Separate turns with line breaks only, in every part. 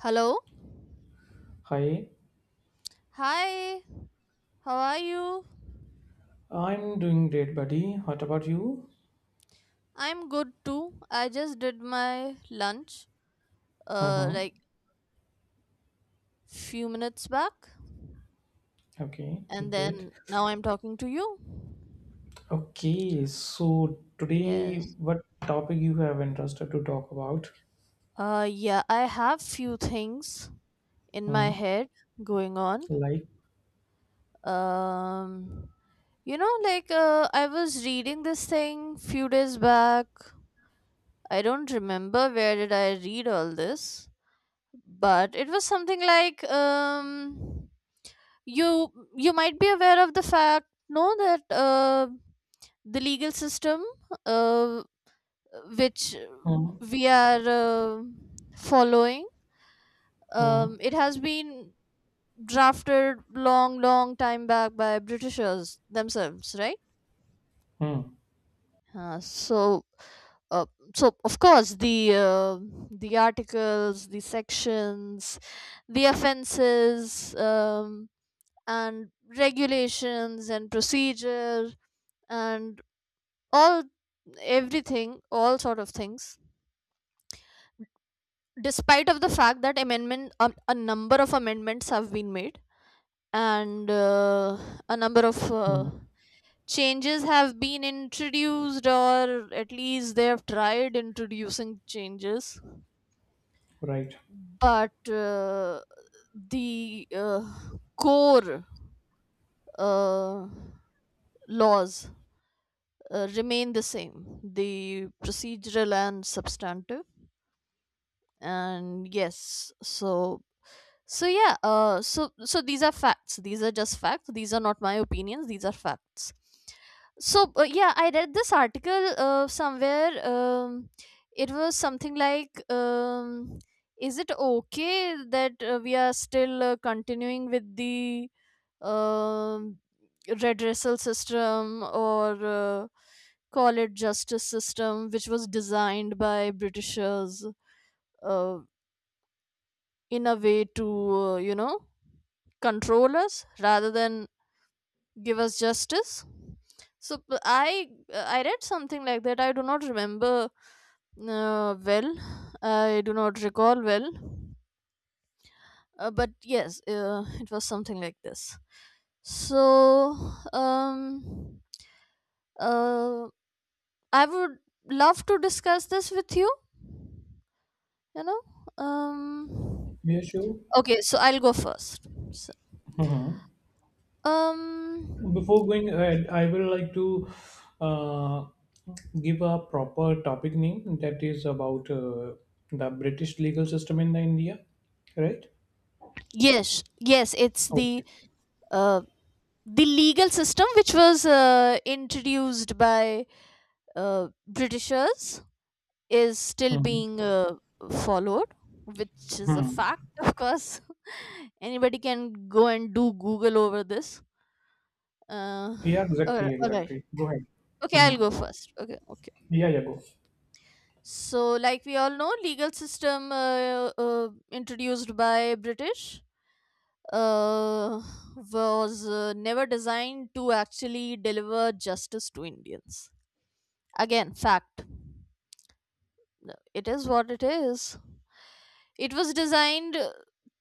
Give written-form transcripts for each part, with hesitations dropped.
Hello?
Hi,
Hi, how are you?
I'm doing great, buddy. What about you?
I'm good too. I just did my lunch
Uh huh.
like few minutes back,
Okay,
and
great.
then now I'm talking to you.
Okay, so today,
Yes.
what topic you have interested to talk about?
Yeah, I have few things in my
Hmm.
head going on.
like,
Um like, I was reading this thing few days back. I don't remember where did I read all this, but it was something like, you might be aware of the fact, no, that the legal system, uh, which
mm,
we are following,
mm,
it has been drafted long long time back by britishers themselves, right?
Hmm.
So, uh, so of course the articles, the sections, the offenses, and regulations and procedure, and all, everything, all sort of things, despite of the fact that amendment a number of amendments have been made, and a number of
Hmm.
changes have been introduced, or at least they have tried introducing changes,
Right.
but the core uh, laws remain the same, the procedural and substantive. And yes, so... So yeah, so these are facts. These are just facts. These are not my opinions. These are facts. So yeah, I read this article somewhere. It was something like, is it okay that we are still continuing with the, um, redressal system, or call it justice system, which was designed by Britishers, uh, in a way to, control us rather than give us justice? So I read something like that. I do not remember well, I do not recall well, but yes, it was something like this. So um uh I would love to discuss this with you you know um
Yeah, sure.
okay, so I'll go first. So,
Mm-hmm.
um
Before going ahead, I will like to uh, give a proper topic name that is about the British legal system in the India, right?
yes. Yes, it's the
Okay.
uh, legal system which was introduced by britishers is still
Hmm.
being followed, which is a
Hmm.
fact, of course. Anybody can go and do google over this. uh,
Yeah,
all right,
exactly,
all right.
exactly. Go ahead.
Okay, I'll
Hmm.
go first. Okay, okay.
Yeah, yeah, go.
So like we all know, legal system introduced by british uh, was never designed to actually deliver justice to indians. Again, fact. It is what it is. It was designed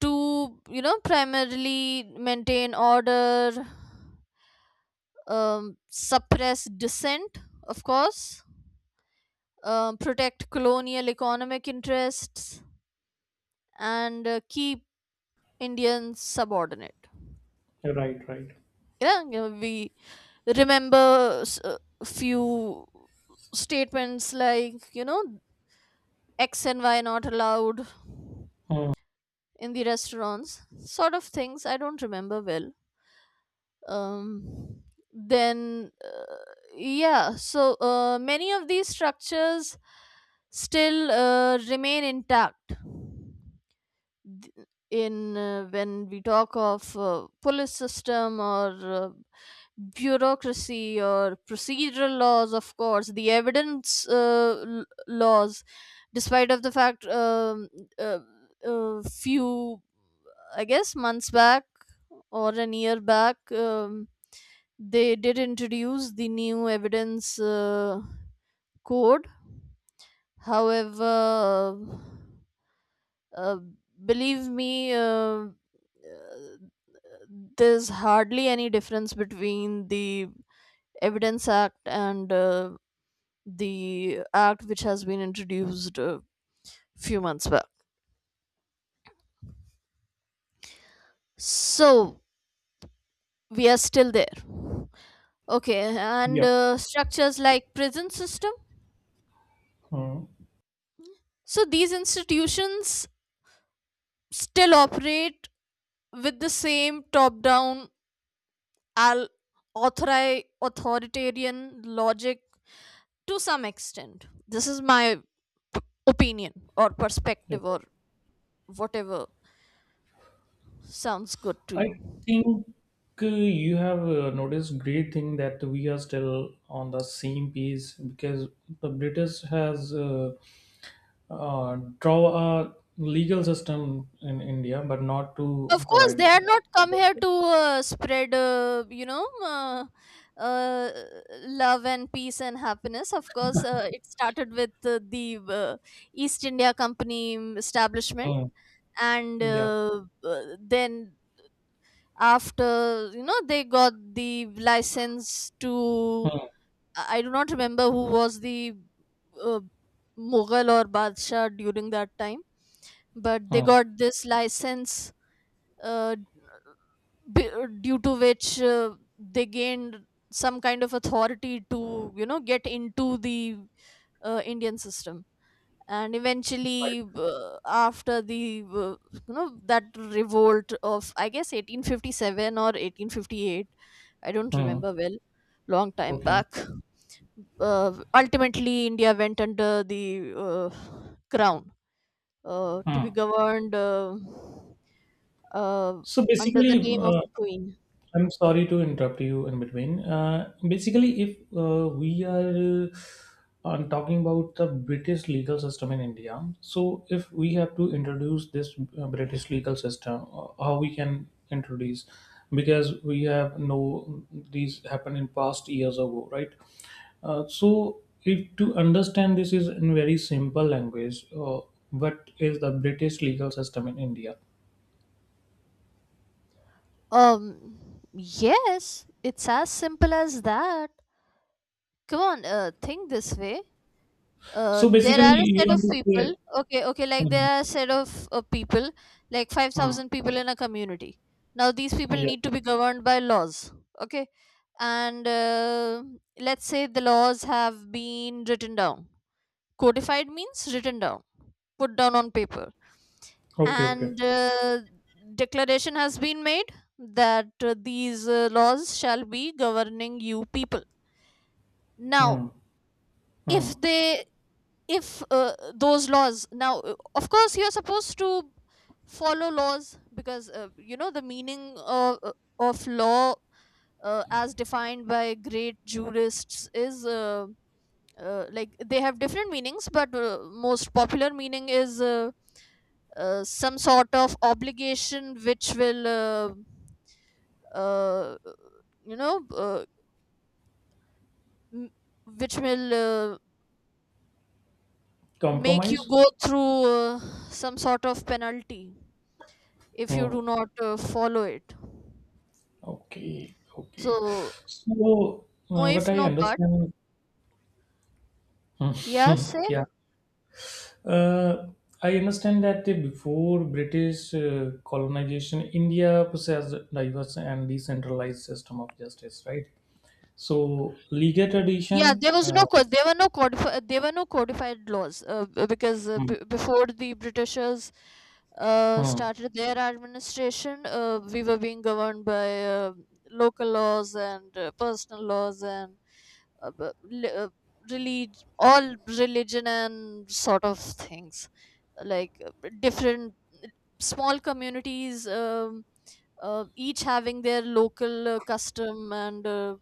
to, you know, primarily maintain order, suppress dissent, of course, protect colonial economic interests, and keep Indians subordinate.
Yeah, right, right.
Yeah, you know, we remember few statements like, you know, X and Y not allowed.
Uh,
In the restaurants sort of things, I don't remember well. um then, yeah, so many of these structures still remain intact. Th- in When we talk of police system or uh, bureaucracy or procedural laws, of course the evidence, laws, despite of the fact, uh, few I guess months back or an year back, they did introduce the new evidence, code. However, uh, believe me, uh, there's hardly any difference between the Evidence Act and the act which has been introduced a few months back. So we are still there. Okay, and
yeah.
structures like prison system.
Uh,
So these institutions still operate with the same top-down, al- authoritarian logic, to some extent. This is my p- opinion or perspective
okay.
or whatever sounds good to
I
you.
think you have noticed great thing that we are still on the same page because the British has draw a legal system in India, but not to
Of course,
provide.
they are not come here to spread, uh, love and peace and happiness. Of course, it started with the East India Company establishment,
Uh,
and
yeah.
then after they got the license to...
Uh,
I do not remember who was the uh, Mughal or Badshah during that time, but they
uh,
got this license. Uh, b- Due to which they gained some kind of authority to, get into the indian system, and
right.
eventually, after the you know that revolt of, I guess, 1857 or 1858, I don't
Uh,
remember well, long time
okay.
back. Ultimately india went under the crown, to be
Uh.
governed, uh,
So
under the
basically,
name of queen.
I'm sorry to interrupt you in between. Basically, if we are talking about the British legal system in India, so if we have to introduce this British legal system, how we can introduce? Because we have no these happened in past years ago, right? So, if to understand this is in very simple language, what is the British legal system in India?
Yes, it's as simple as that. Come on, think this way.
So
There
basically,
are a
you
set of
want to
people.
say.
Okay, okay, like
Hmm,
there are a set of people, like
hmm.
5,000 people in a community. Now, these people
Yeah.
need to be governed by laws. Okay, and let's say the laws have been written down. Codified means written down, put down on paper,
Okay, okay.
and declaration has been made that these laws shall be governing you people now.
Hmm.
If
Hmm.
they, if those laws now, of course you're supposed to follow laws, because you know the meaning of law, as defined by great jurists, is, like they have different meanings, but most popular meaning is, some sort of obligation which will, uh, you know, uh, m- which will uh, make you
Compromise?
go through some sort of penalty if you
Hmm.
do not follow it.
Okay, okay.
So
So,
no
what
if,
I
no but.
understand, Hmm.
Yeah, say.
yeah, uh, I understand that before British colonization, India possessed diverse and decentralized system of justice, right? So, legal
Yeah.
tradition.
There was there were no codified laws, because,
Hmm,
before the Britishers
hmm,
started their administration, we were being governed by local laws and personal laws, and uh, b- li- uh, all religion and sort of things, like different small communities, each having their local custom, and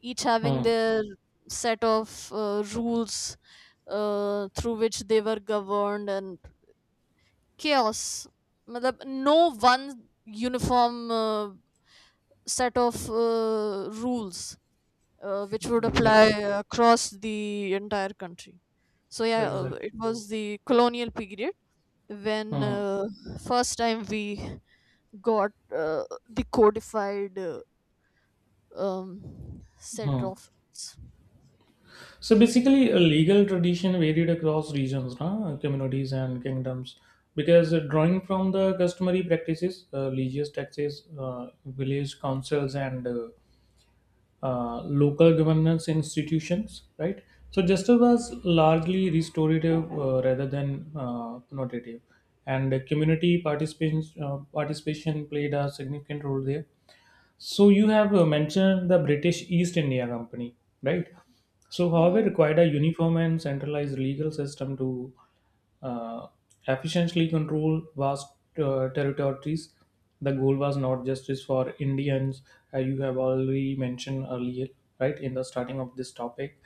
each having
hmm,
their set of rules through which they were governed, and chaos. मतलब, no one uniform set of rules, which would apply across the entire country. So yeah,
exactly.
it was the colonial period when,
Hmm,
first time we got the codified, set of
hmm.
rules.
So basically, a legal tradition varied across regions, na, communities, and kingdoms, because drawing from the customary practices, religious taxes, village councils, and local governance institutions, right? So justice was largely restorative rather than connotative, and community participation participation played a significant role there, so you have mentioned the British East India Company, right? So, however,
Hmm.
required a uniform and centralized legal system to uh, efficiently control vast territories. The goal was not justice for Indians, as you have already mentioned earlier, right, in the starting of this topic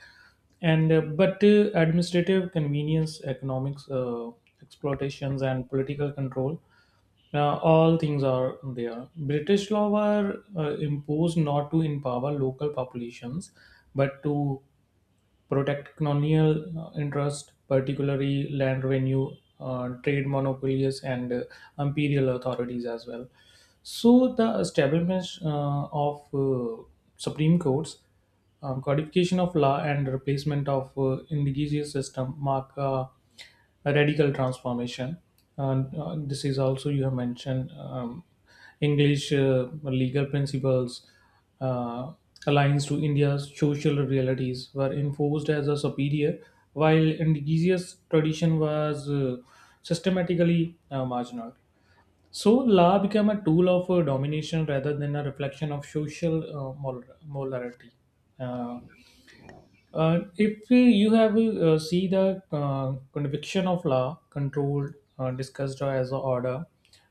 and but administrative convenience, economics, exploitations and political control, all things are there. British law were imposed not to empower local populations but to protect colonial interest, particularly land revenue, trade monopolies, and imperial authorities as well. So the establishment of supreme courts, codification of law, and replacement of indigenous system mark. A radical transformation. And this is also you have mentioned English legal principles uh, aligns to India's social realities were enforced as a superior, while indigenous tradition was systematically marginal. So law became a tool of domination rather than a reflection of social morality. Uh, if you have see the conviction of law controlled discussed as a order,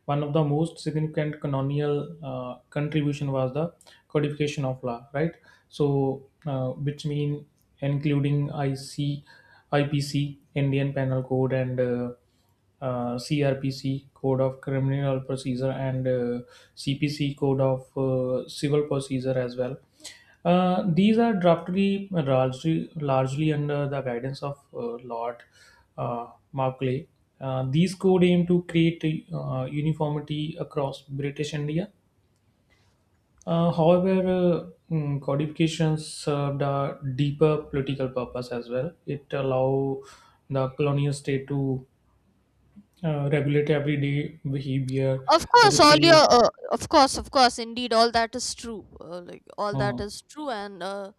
one of the most significant colonial contribution was the codification of law, right? So, which mean including I P C, Indian Penal Code, and CRPC Code of Criminal Procedure and CPC Code of Civil Procedure as well. These are drafted largely under the guidance of Lord Macaulay. These code aim to create uniformity across British India. However, codification served a deeper political purpose as well. It allow the colonial state to regulate everyday behavior,
Of course, all your
replace.
of course, indeed, all that is true. Like, all that
Hmm.
is true, and uh,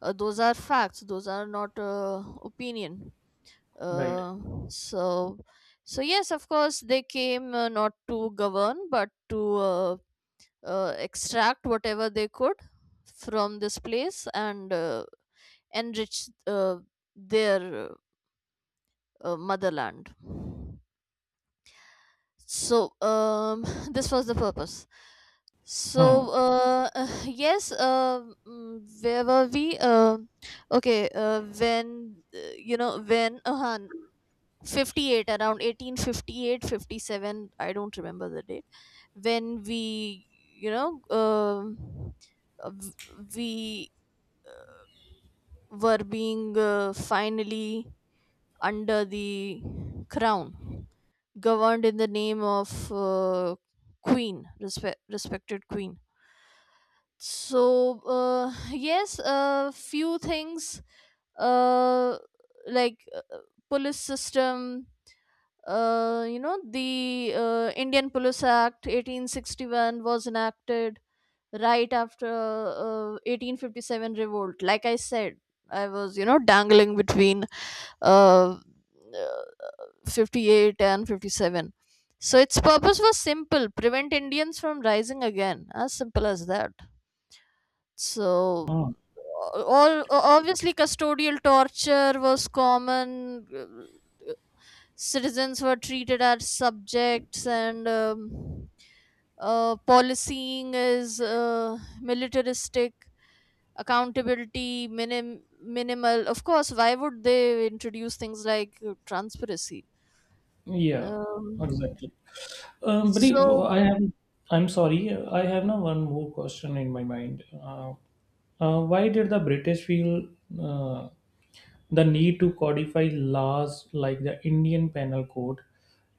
uh, those are facts. Those are not opinion.
Right.
Uh, so, yes, of course they came, not to govern, but to extract whatever they could from this place and enrich their motherland. So, this was the purpose.
Hmm.
So yes, where were we, okay, when, when 58, around 1858, 57. I don't remember the date when we you know um, uh, v- we were being finally under the crown, governed in the name of queen, respected queen. So yes, a few things, uh, like police system. The Indian Police Act 1861 was enacted right after 1857 revolt. Like I said, I was, you know, dangling between uh, uh, 58 and 57. So its purpose was simple: prevent Indians from rising again. As simple as that. So
Hmm.
all obviously custodial torture was common. Citizens were treated as subjects, and policying is militaristic, accountability minimal. Of course, why would they introduce things like transparency?
Yeah.
um,
Exactly. But if-
so.
I have, I'm sorry, I have now one more question in my mind. Why did the British feel uh, the need to codify laws like the Indian Penal Code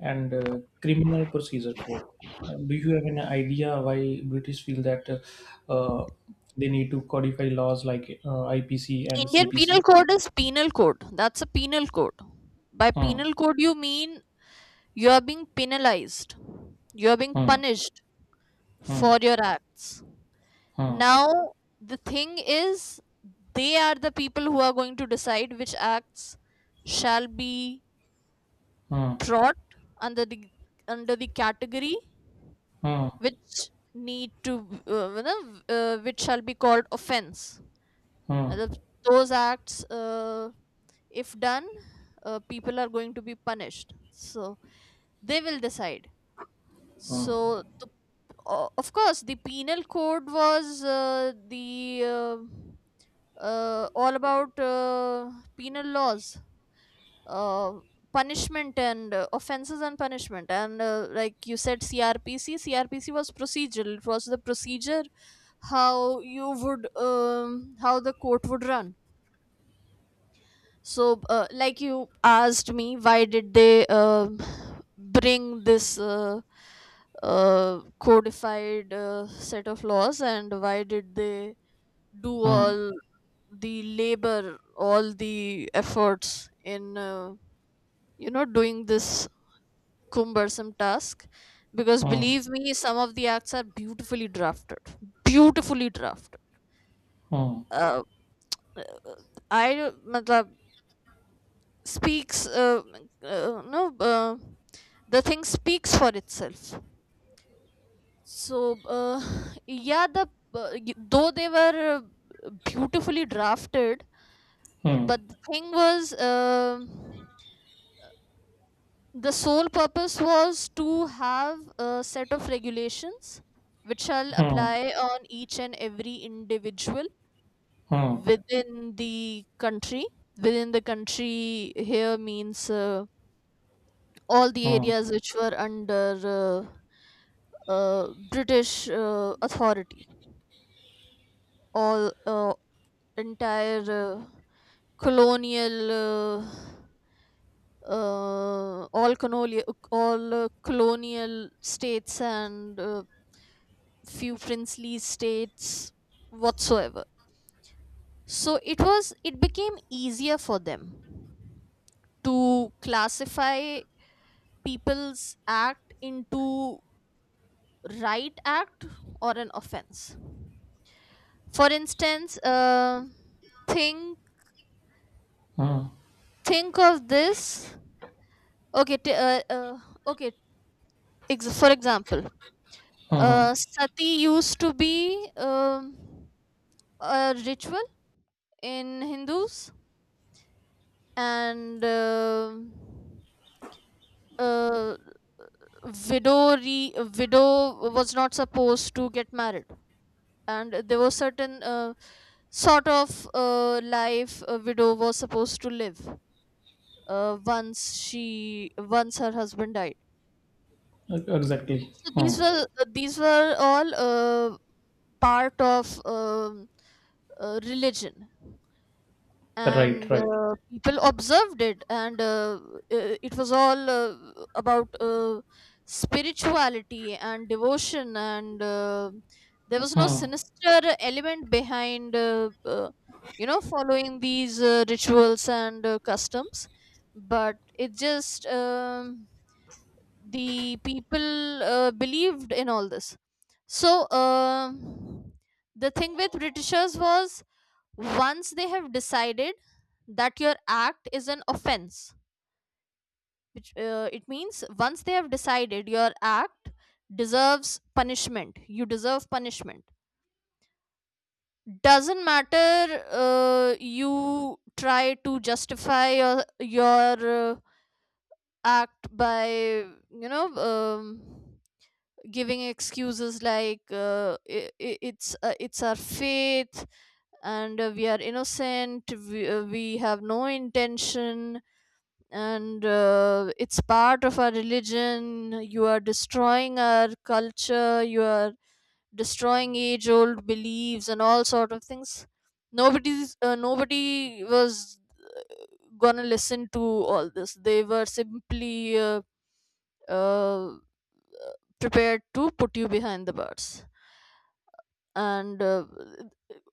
and Criminal Procedure Code? Do you have an idea why British feel that uh, uh, they need to codify laws like IPC and
Indian penal
CPC?
code is penal code. That's a penal code. By
Hmm.
penal code, you mean you are being penalized, you are being
Hmm.
punished
Hmm.
for your acts.
Hmm.
Now, the thing is, they are the people who are going to decide which acts shall be
Hmm.
brought under the, under the category
Hmm.
which need to, which shall be called offense.
Hmm.
Matlab, those acts, if done, people are going to be punished. So they will decide.
Hmm.
So the of course the penal code was the all about penal laws, uh, punishment and offenses and punishment. And like you said, crpc was procedural. It was the procedure, how you would how the court would run. So like you asked me, why did they bring this codified set of laws, and why did they do
Hmm.
all the labor, all the efforts in, you know, doing this cumbersome task? Because
Hmm.
believe me, some of the acts are beautifully drafted. Beautifully drafted.
Hmm.
uh, I matlab, speaks no, uh, the thing speaks for itself. So yeah, the though they were beautifully drafted,
Hmm.
but the thing was, the sole purpose was to have a set of regulations which shall
Hmm.
apply on each and every individual
Hmm.
within the country. Within the country here means all the
Hmm.
areas which were under British authority, all entire, colonial, all colonial, all colonial states, and few princely states whatsoever. So it became easier for them to classify people's act into right act or an offense. For instance, think
Hmm.
think of this. Okay, okay, for example,
Hmm.
sati used to be a ritual in Hindus. And uh, widow was not supposed to get married, and there was certain sort of life a widow was supposed to live once she, once her husband died.
E- Exactly.
So
Hmm.
these were all part of religion,
Right.
and
Right.
people observed it. And it was all about spirituality and devotion. And there was no
Hmm.
sinister element behind, you know, following these rituals and customs. But it just, the people believed in all this. So the thing with britishers was, once they have decided that your act is an offense, which it means once they have decided your act deserves punishment, you deserve punishment. Doesn't matter you try to justify your act by, you know, giving excuses like, it's our faith, and we are innocent, we have no intention, and it's part of our religion, you are destroying our culture, you are destroying age old beliefs and all sort of things. Nobody's, nobody was gonna listen to all this. They were simply uh, prepared to put you behind the bars. And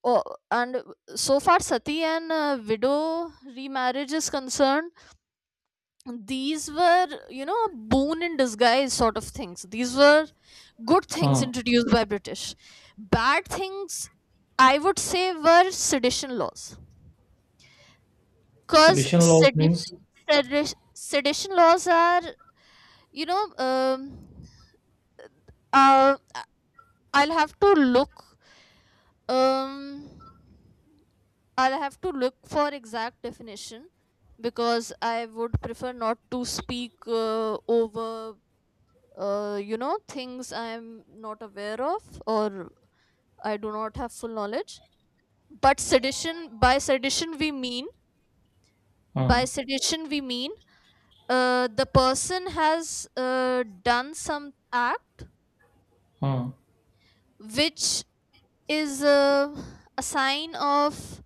oh, and so far sati and widow remarriage is concerned, these were, you know, a boon in disguise sort of things. These were good things
Hmm.
introduced by British. Bad things, I would say, were sedition laws.
So
Because
additional means.
sedition, sedition laws are, you know, uh I'll have to look, um I'll have to look for exact definition, because I would prefer not to speak over you know, things I am not aware of, or I do not have full knowledge. But sedition, by sedition we mean,
Hmm.
by sedition we mean, the person has done some act
Hmm.
which is a sign of,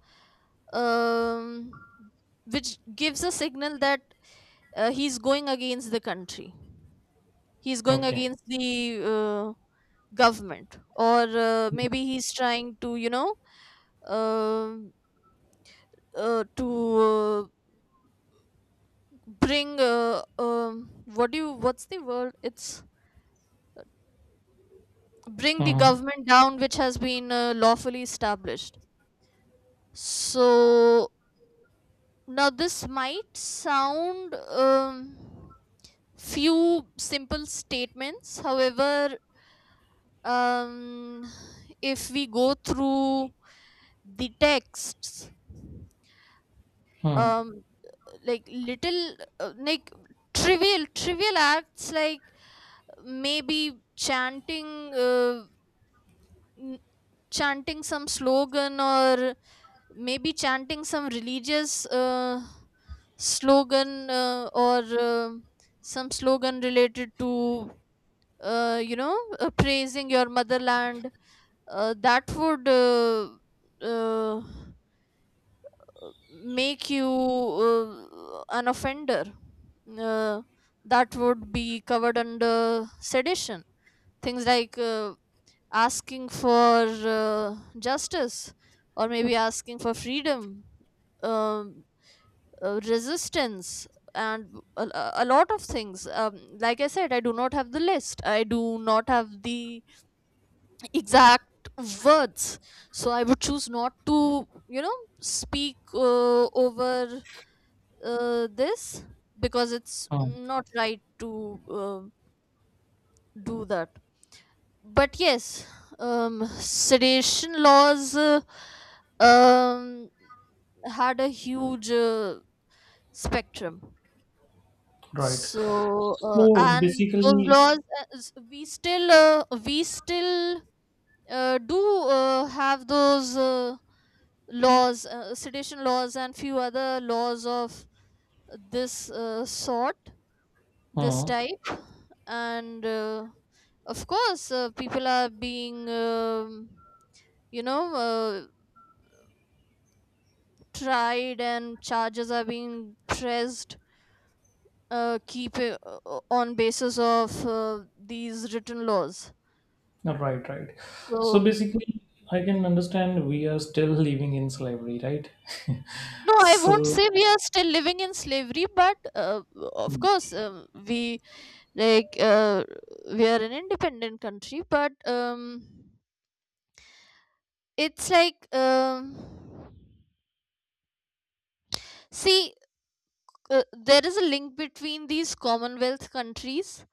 um, which gives a signal that he's going against the country, he's going
Okay.
against the government, or maybe he's trying to, you know, um to bring what do you, what's the word, it's bring the
Hmm.
government down, which has been lawfully established. So now this might sound, few simple statements, however, um if we go through the texts,
Hmm.
um like little, like trivial, trivial acts like maybe chanting, n- chanting some slogan, or maybe chanting some religious slogan, or some slogan related to you know, praising your motherland, that would uh, make you an offender. uh, that would be covered under sedition. Things like asking for justice, or maybe asking for freedom, um, resistance, and a lot of things. Like I said, I do not have the list, I do not have the exact words, so I would choose not to, you know, speak over this, because it's
Hmm.
not right to do that. But yes, sedation laws um, had a huge spectrum.
Right.
So
So
and those
basically.
laws, we still do have those laws, sedition laws, and few other laws of this sort this
Hmm.
type. And of course people are being, you know, tried, and charges are being pressed keep on basis of these written laws.
Right. Right. So
So
basically, I can understand we are still living in slavery, right?
no, I won't
so
say we are still living in slavery. But of course, we, like uh, we are an independent country, but it's like, see, there is a link between these commonwealth countries,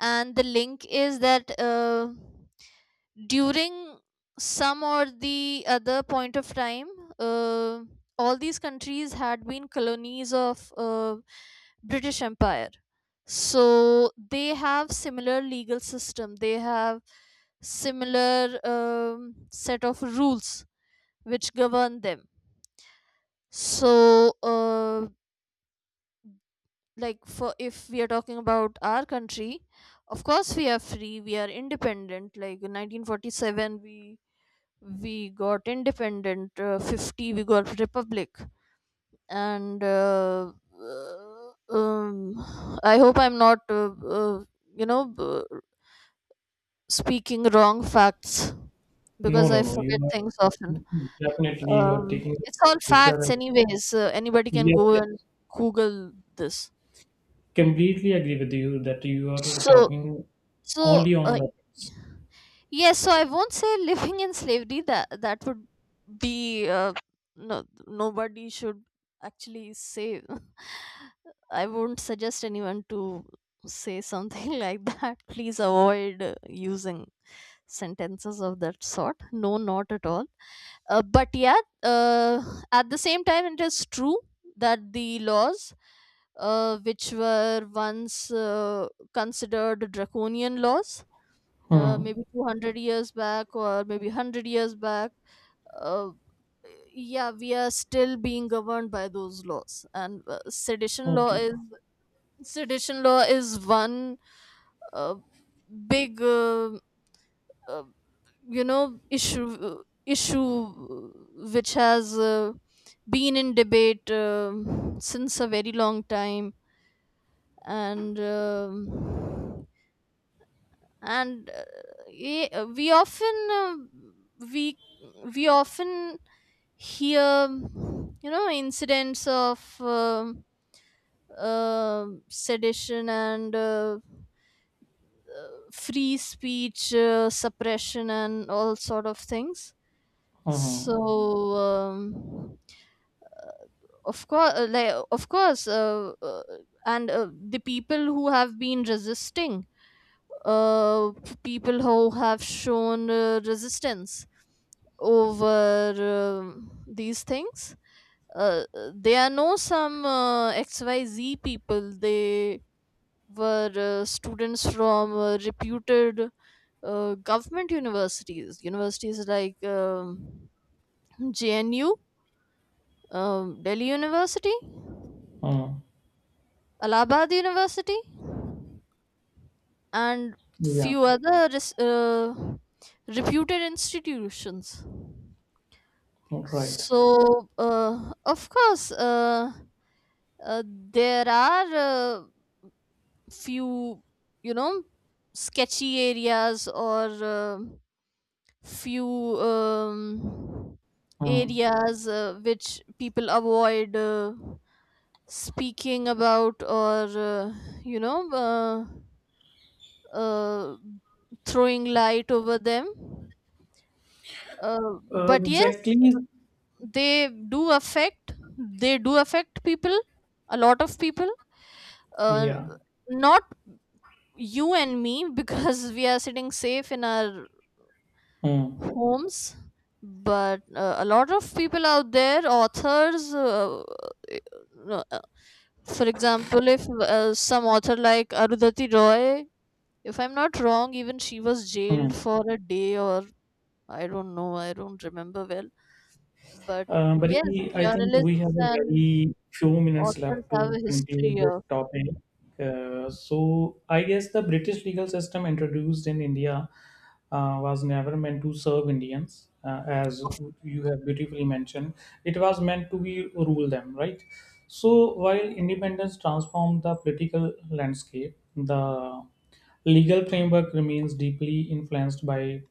and the link is that during some or the other point of time, uh, all these countries had been colonies of British empire. So they have similar legal system, they have similar set of rules which govern them. So uh, like for, if we are talking about our country, of course we are free, we are independent. Like in 1947 we got independent, 50 we got republic. And I hope I'm not, uh, you know, speaking wrong facts,
no,
because
no,
I
no. You
forget things often.
are definitely you are taking the
It's all
which are
facts anyways. Anybody can
yes,
go
yes.
and google this.
Completely agree with you that you are
So
talking
so
only
uh,
on the
yes, so I won't say living in slavery. That would be no. Nobody should actually say. I won't suggest anyone to say something like that. Please avoid using sentences of that sort. No, not at all. But yeah, at the same time, it is true that the laws, which were once considered draconian laws,
Hmm.
maybe 200 years back or maybe 100 years back. uh, yeah, we are still being governed by those laws. And sedition law
Okay.
is, sedition law is one uh, big uh, you know, issue which has been in debate since a very long time. And and uh, ye- uh, we often uh, we we often hear, you know, incidents of sedition, and free speech suppression and all sort of things.
Uh huh.
So of course, like of course and the people who have been resisting, uh, people who have shown resistance over these things. Uh, there are no some XYZ people. They were students from reputed government universities, universities like JNU, Delhi University,
Uh.
Allahabad University, and
Yeah.
few other res- uh, reputed institutions.
Right.
So, of course, there are few, you know, sketchy areas, or few, um,
Hmm.
areas which people avoid speaking about, or, you know, uh, throwing light over them. But yes,
Exactly.
they do affect people, a lot of people. uh,
Yeah.
Not you and me, because we are sitting safe in our
Hmm.
homes. But a lot of people out there, authors, uh, uh, for example, if some author like Arundhati Roy, if I'm not wrong, even she was jailed
Hmm.
for a day, or I don't know, I don't remember well. But
But
yes,
I think we
journalists
have a
and
very few minutes
authors
left
have
to
a history
conclude this
of,
topic. So I guess the British legal system introduced in India was never meant to serve Indians, as you have beautifully mentioned. It was meant to be rule them, right? So while independence transformed the political landscape, the legal framework remains deeply influenced by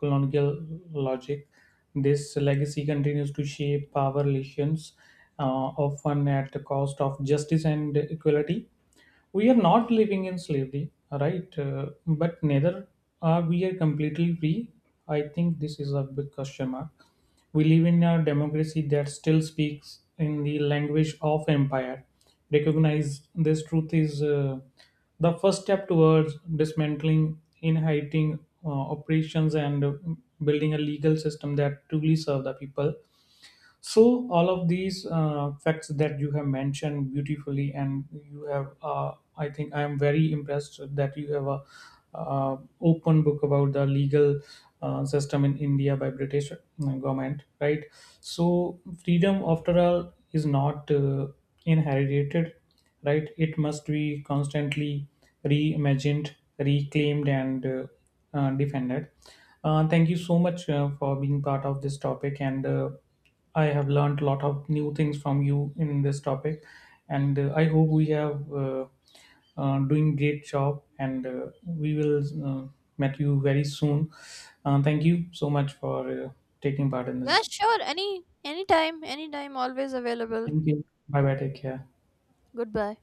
colonial logic. This legacy continues to shape power relations, uh, often at the cost of justice and equality. We are not living in slavery, right? But neither are we are completely free. I think this is a big question mark. We live in a democracy that still speaks in the language of empire. Recognize this truth is the first step towards dismantling, inhibiting operations, and building a legal system that truly serve the people. So all of these facts that you have mentioned beautifully, and you have, I think, I am very impressed that you have a open book about the legal system in India by British government, right? So freedom, after all, is not inherited, right? It must be constantly reimagined, reclaimed, and defended. Thank you so much for being part of this topic and. I have learned a lot of new things from you in this topic, and I hope we have doing great job. And we will uh, meet you very soon. Thank you so much for uh, taking part in
yeah,
this.
sure. Any, anytime, anytime, always available.
Thank you. Bye bye. Take care.
Goodbye.